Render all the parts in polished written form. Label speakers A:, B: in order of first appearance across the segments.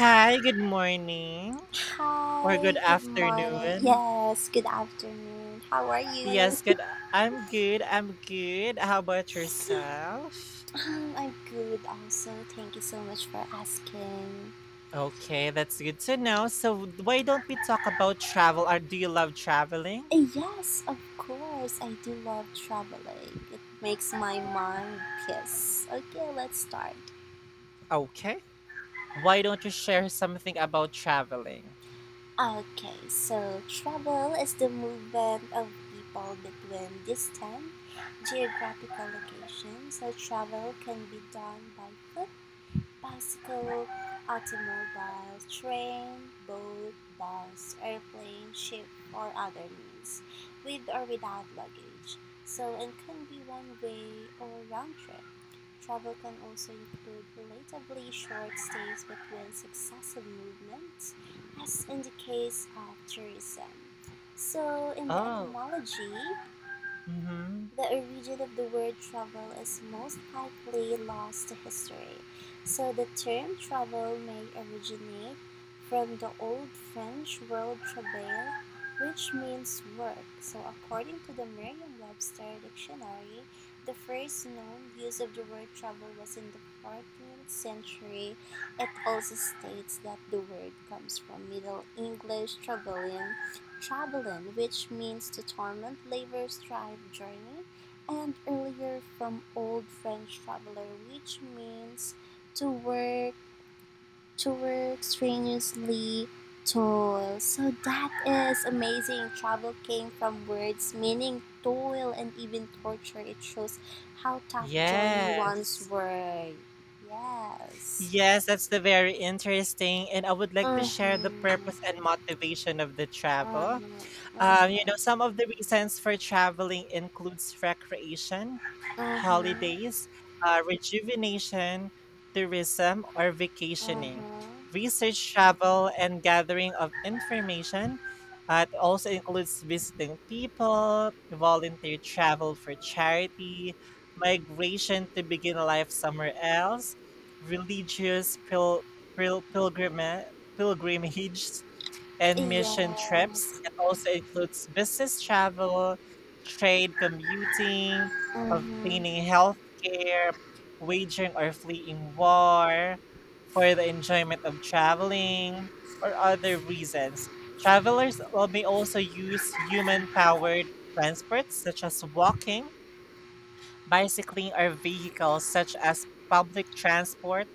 A: Hi, good morning or good
B: Hi, good morning.
A: afternoon.
B: Yes, good afternoon. How are you?
A: Yes, good. I'm good. How about yourself?
B: I'm good also. Thank you so much for asking.
A: Okay, that's good to know. So, why don't we talk about travel? Or do you love traveling?
B: Yes, of course. I do love traveling. It makes my mind piss. Okay, let's start.
A: Okay. Why don't you share something about traveling?
B: Okay, so travel is the movement of people between distant geographical locations. So travel can be done by foot, bicycle, automobile, train, boat, bus, airplane, ship, or other means, with or without luggage. So it can be one way or round trip. Travel can also include relatively short stays between successive movements, as in the case of tourism. So, in the
A: Oh,
B: etymology,
A: mm-hmm.
B: the origin of the word travel is most likely lost to history, so the term travel may originate from the Old French word travail, which means work. So, according to the Merriam Webster dictionary, the first known use of the word travel was in the 14th century. It also states that the word comes from Middle English travelling, Travelin, which means to torment, labor, strive, journey, and earlier from Old French traveler, which means to work, to work strenuously, toil. So that is amazing. Travel came from words meaning toil and even torture. It shows how tough journey once
A: Yes.
B: were. Yes.
A: Yes, that's the very interesting. And I would like to share the purpose
B: Mm-hmm.
A: and motivation of the travel.
B: Mm-hmm. Okay.
A: Some of the reasons for traveling includes recreation,
B: Mm-hmm.
A: holidays, rejuvenation, tourism, or vacationing,
B: Mm-hmm.
A: research travel, and gathering of information. It also includes visiting people, volunteer travel for charity, migration to begin life somewhere else, religious pil- pilgrima- pilgrimages, and mission trips.
B: Yes.
A: It also includes business travel, trade commuting,
B: Mhm.
A: obtaining healthcare, wagering or fleeing war, for the enjoyment of traveling, or other reasons. May also use human powered transports such as walking, bicycling, or vehicles such as public transport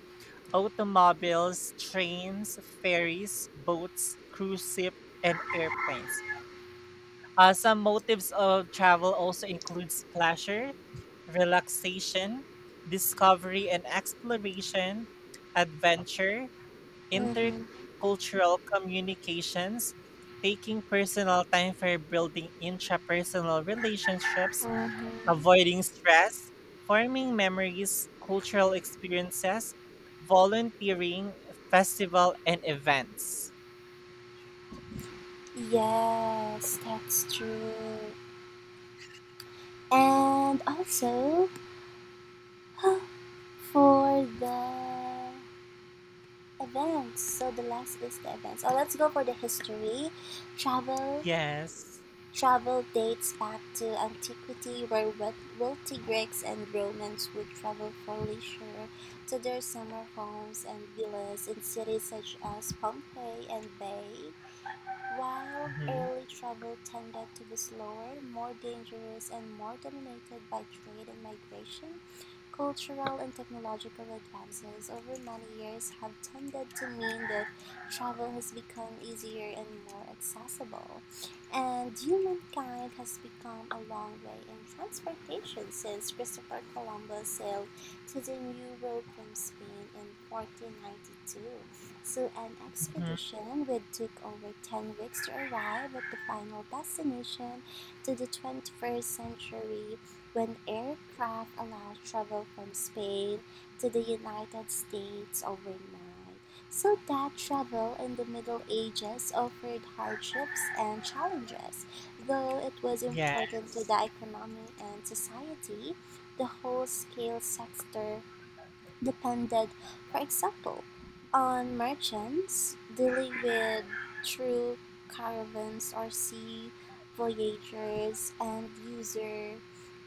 A: automobiles, trains, ferries, boats, cruise ship, and airplanes. Some motives of travel also includes pleasure, relaxation, discovery and exploration, adventure,
B: Mhm.
A: intercultural communications, taking personal time for building intrapersonal relationships,
B: Mhm.
A: avoiding stress, forming memories, cultural experiences, volunteering, festival, and events.
B: Yes, that's true. And also for the events. So the last is the events. Oh, let's go for the history. travel,
A: Yes.
B: travel dates back to antiquity, where wealthy Greeks and Romans would travel for leisure to their summer homes and villas in cities such as Pompeii and Bay. Wild
A: Mm-hmm.
B: early travel tended to be slower, more dangerous, and more dominated by trade and migration. Cultural and technological advances over many years have tended to mean that travel has become easier and more accessible. And humankind has become a long way in transportation since Christopher Columbus sailed to the New World from Spain in 1492. So an
A: Mm-hmm.
B: expedition would take over 10 weeks to arrive at the final destination to the 21st century when aircraft allowed travel from Spain to the United States overnight. So that travel in the Middle Ages offered hardships and challenges. Though it was important to
A: Yes.
B: the economy and society, the whole scale sector depended, for example, on merchants dealing with through caravans or sea voyagers, and user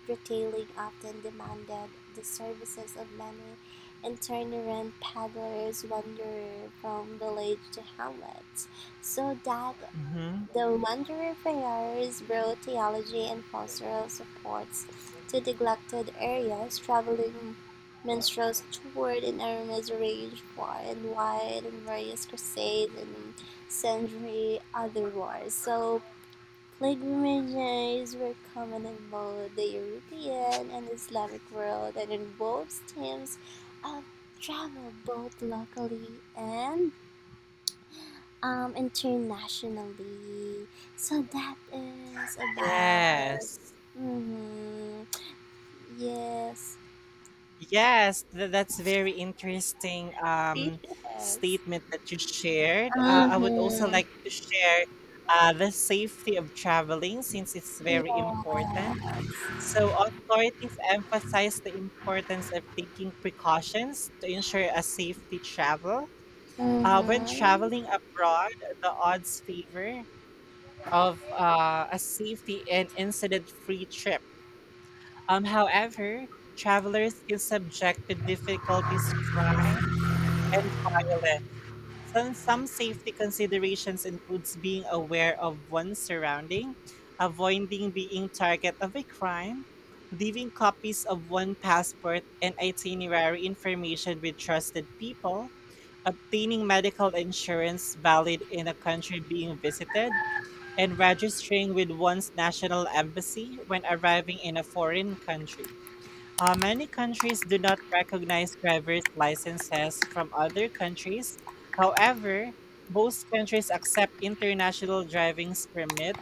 B: retailing often demanded the services of many itinerant paddlers wandering from village to hamlet, so that
A: Mm-hmm.
B: the Wanderer Friars brought theology and pastoral supports to neglected areas, traveling minstrels toured in arenas ranged far and wide in various crusades and sundry other wars. So pilgrimages were common in both the European and Islamic world and involved themes of travel both locally and internationally, so that is about.
A: Yes.
B: Mm-hmm. Yes.
A: Yes, that's very interesting
B: Yes.
A: um, statement that you shared. I would also
B: Mm-hmm.
A: like to share the safety of traveling since it's very
B: Yeah.
A: important. So authorities emphasize the importance of taking precautions to ensure a safety travel. When traveling
B: Mm-hmm.
A: abroad, the odds favor of a safety and incident-free trip. However, travelers can subject to difficulties, crime, and violence. Some safety considerations includes being aware of one's surrounding, avoiding being target of a crime, leaving copies of one passport and itinerary information with trusted people, obtaining medical insurance valid in a country being visited, and registering with one's national embassy when arriving in a foreign country. Many countries do not recognize driver's licenses from other countries. However, most countries accept international driving's permit,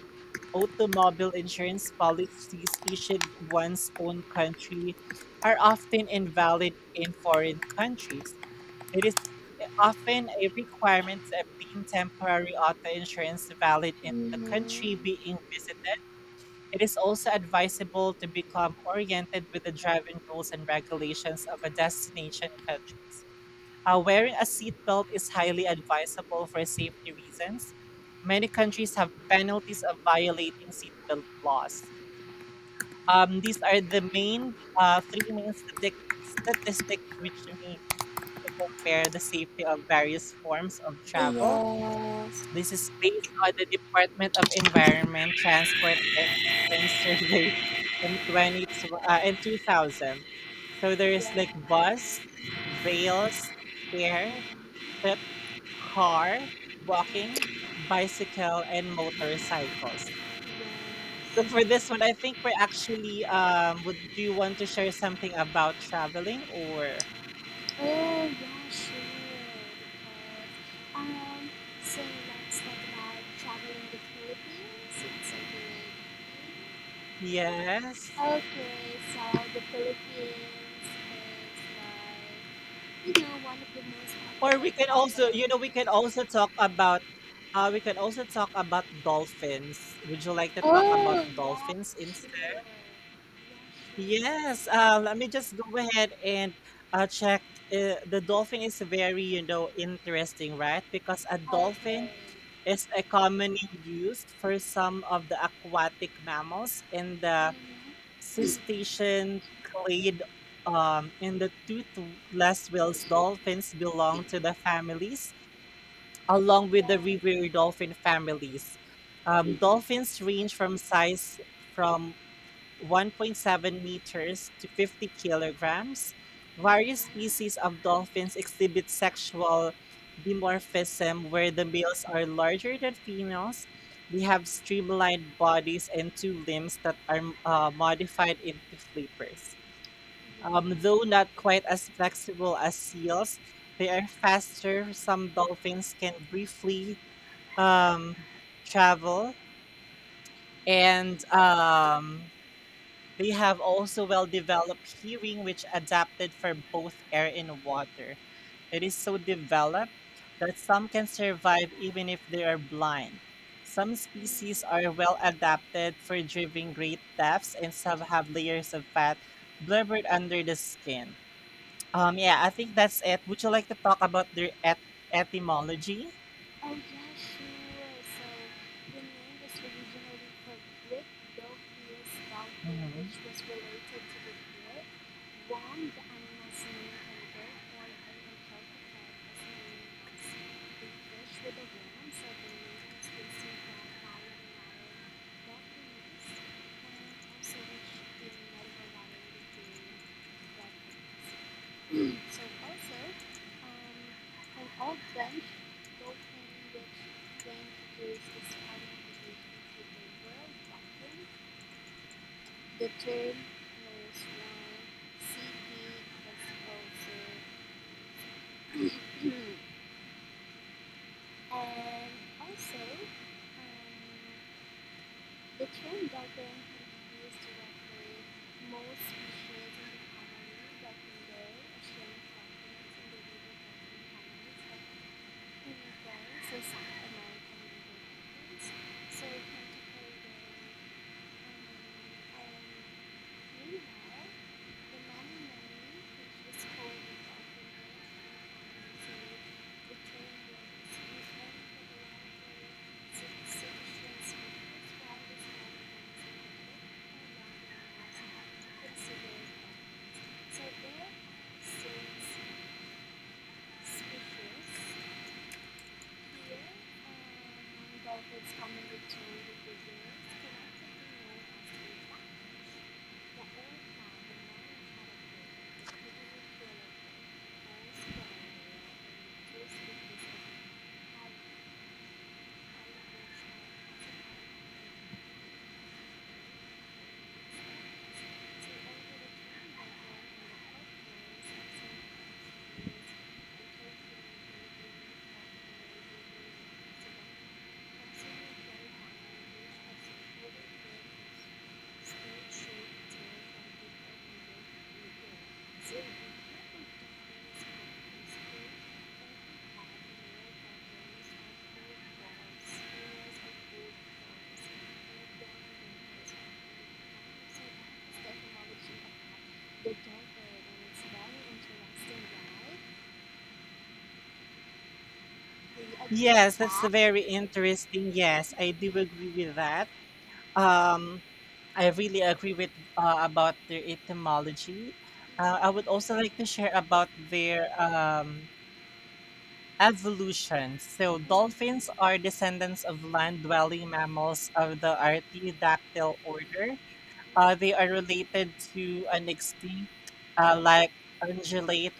A: automobile insurance policies issued one's own country are often invalid in foreign countries. It is often a requirement to obtain temporary auto insurance valid in the country
B: Mm-hmm.
A: being visited. It is also advisable to become oriented with the driving rules and regulations of a destination countries. Wearing a seatbelt is highly advisable for safety reasons. Many countries have penalties of violating seatbelt laws. These are the main three main statistics which we use to compare the safety of various forms of travel.
B: Yes.
A: This is based on the Department of Environment, Transport, and Regions survey from in 2000. So there
B: Yeah.
A: is like
B: Yes.
A: bus, rails, air, ship, car, walking, bicycle, and motorcycles. So for this one, I think do you want to share something about traveling or?
B: Oh, yeah, sure. Because, um, so let's talk about traveling the Philippines. It's a great.
A: Yes.
B: Okay, so the Philippines is like, one of the most
A: Or
B: popular
A: we can
B: travel.
A: also, you know, we can also talk about dolphins. Would you like to
B: Oh,
A: talk
B: yeah,
A: about
B: sure. Yeah,
A: dolphins
B: sure,
A: instead?
B: that is
A: Yes,
B: good.
A: let me just go ahead and check. The dolphin is very, you know, interesting, right? Because a dolphin
B: Okay.
A: is a common name used for some of the aquatic mammals in the
B: Mm-hmm. Yeah. Mm-hmm.
A: cetacean clade. In the toothless whales, dolphins belong to the families along with
B: Yeah.
A: the river dolphin families. Dolphins range from size from 1.7 meters to 50 kilograms. Various species of dolphins exhibit sexual dimorphism where the males are larger than females. They have streamlined bodies and two limbs that are modified into flippers. Though
B: Mm-hmm.
A: not quite as flexible as seals, they are faster. Some dolphins can briefly um, travel, and
B: Mm-hmm.
A: they have also well-developed hearing, which adapted for both air and water. It is so developed that some can survive even if they are blind. Some species
B: Mm-hmm.
A: are well adapted for driving great depths, and some have layers of fat blubbered under the skin. Yeah, I think that's it. Would you like to talk about their etymology?
B: Oh yeah, sure. So the name was originally for Greek Theophilus Dolphin,
A: Hmm.
B: which was related to the Greek worm, the animal's name, and therefore he interpreted as meaning as the fish with a worm. So the name was received from Italian Latin Dolphinus, and also which in medical Latin became Dolphinus. So also, an old French doctrine which reintroduced this kind of division to the world doctrine. The term knows why CP was also CP. And also um, the term doctrine can be used to most species in the family, like in the ocean dolphins and the river families, like. Right, so South American ingredients. So we tend to play with um, meanwhile, the mamamani, which is called the dolphin dish. So the term was used only for the larger cetacean species, while the smaller ones like the piranha are considered. So there are six species. Here, dolphins commonly told the figures collectively known as feedback. The old man, the man had a brain, the figure with stage shape tail and big and middle and with you. The darker and it's very interesting, right? Do you agree with
A: Yes, that's
B: that?
A: a very interesting. Yes, I do agree with that. Um, I really agree with about their etymology. I would also
B: Yes.
A: like to share about their evolution. So,
B: Yes.
A: dolphins are
B: Mm-hmm.
A: descendants of land-dwelling mammals of the Artiodactyl order. They are related to an extinct like ungulate,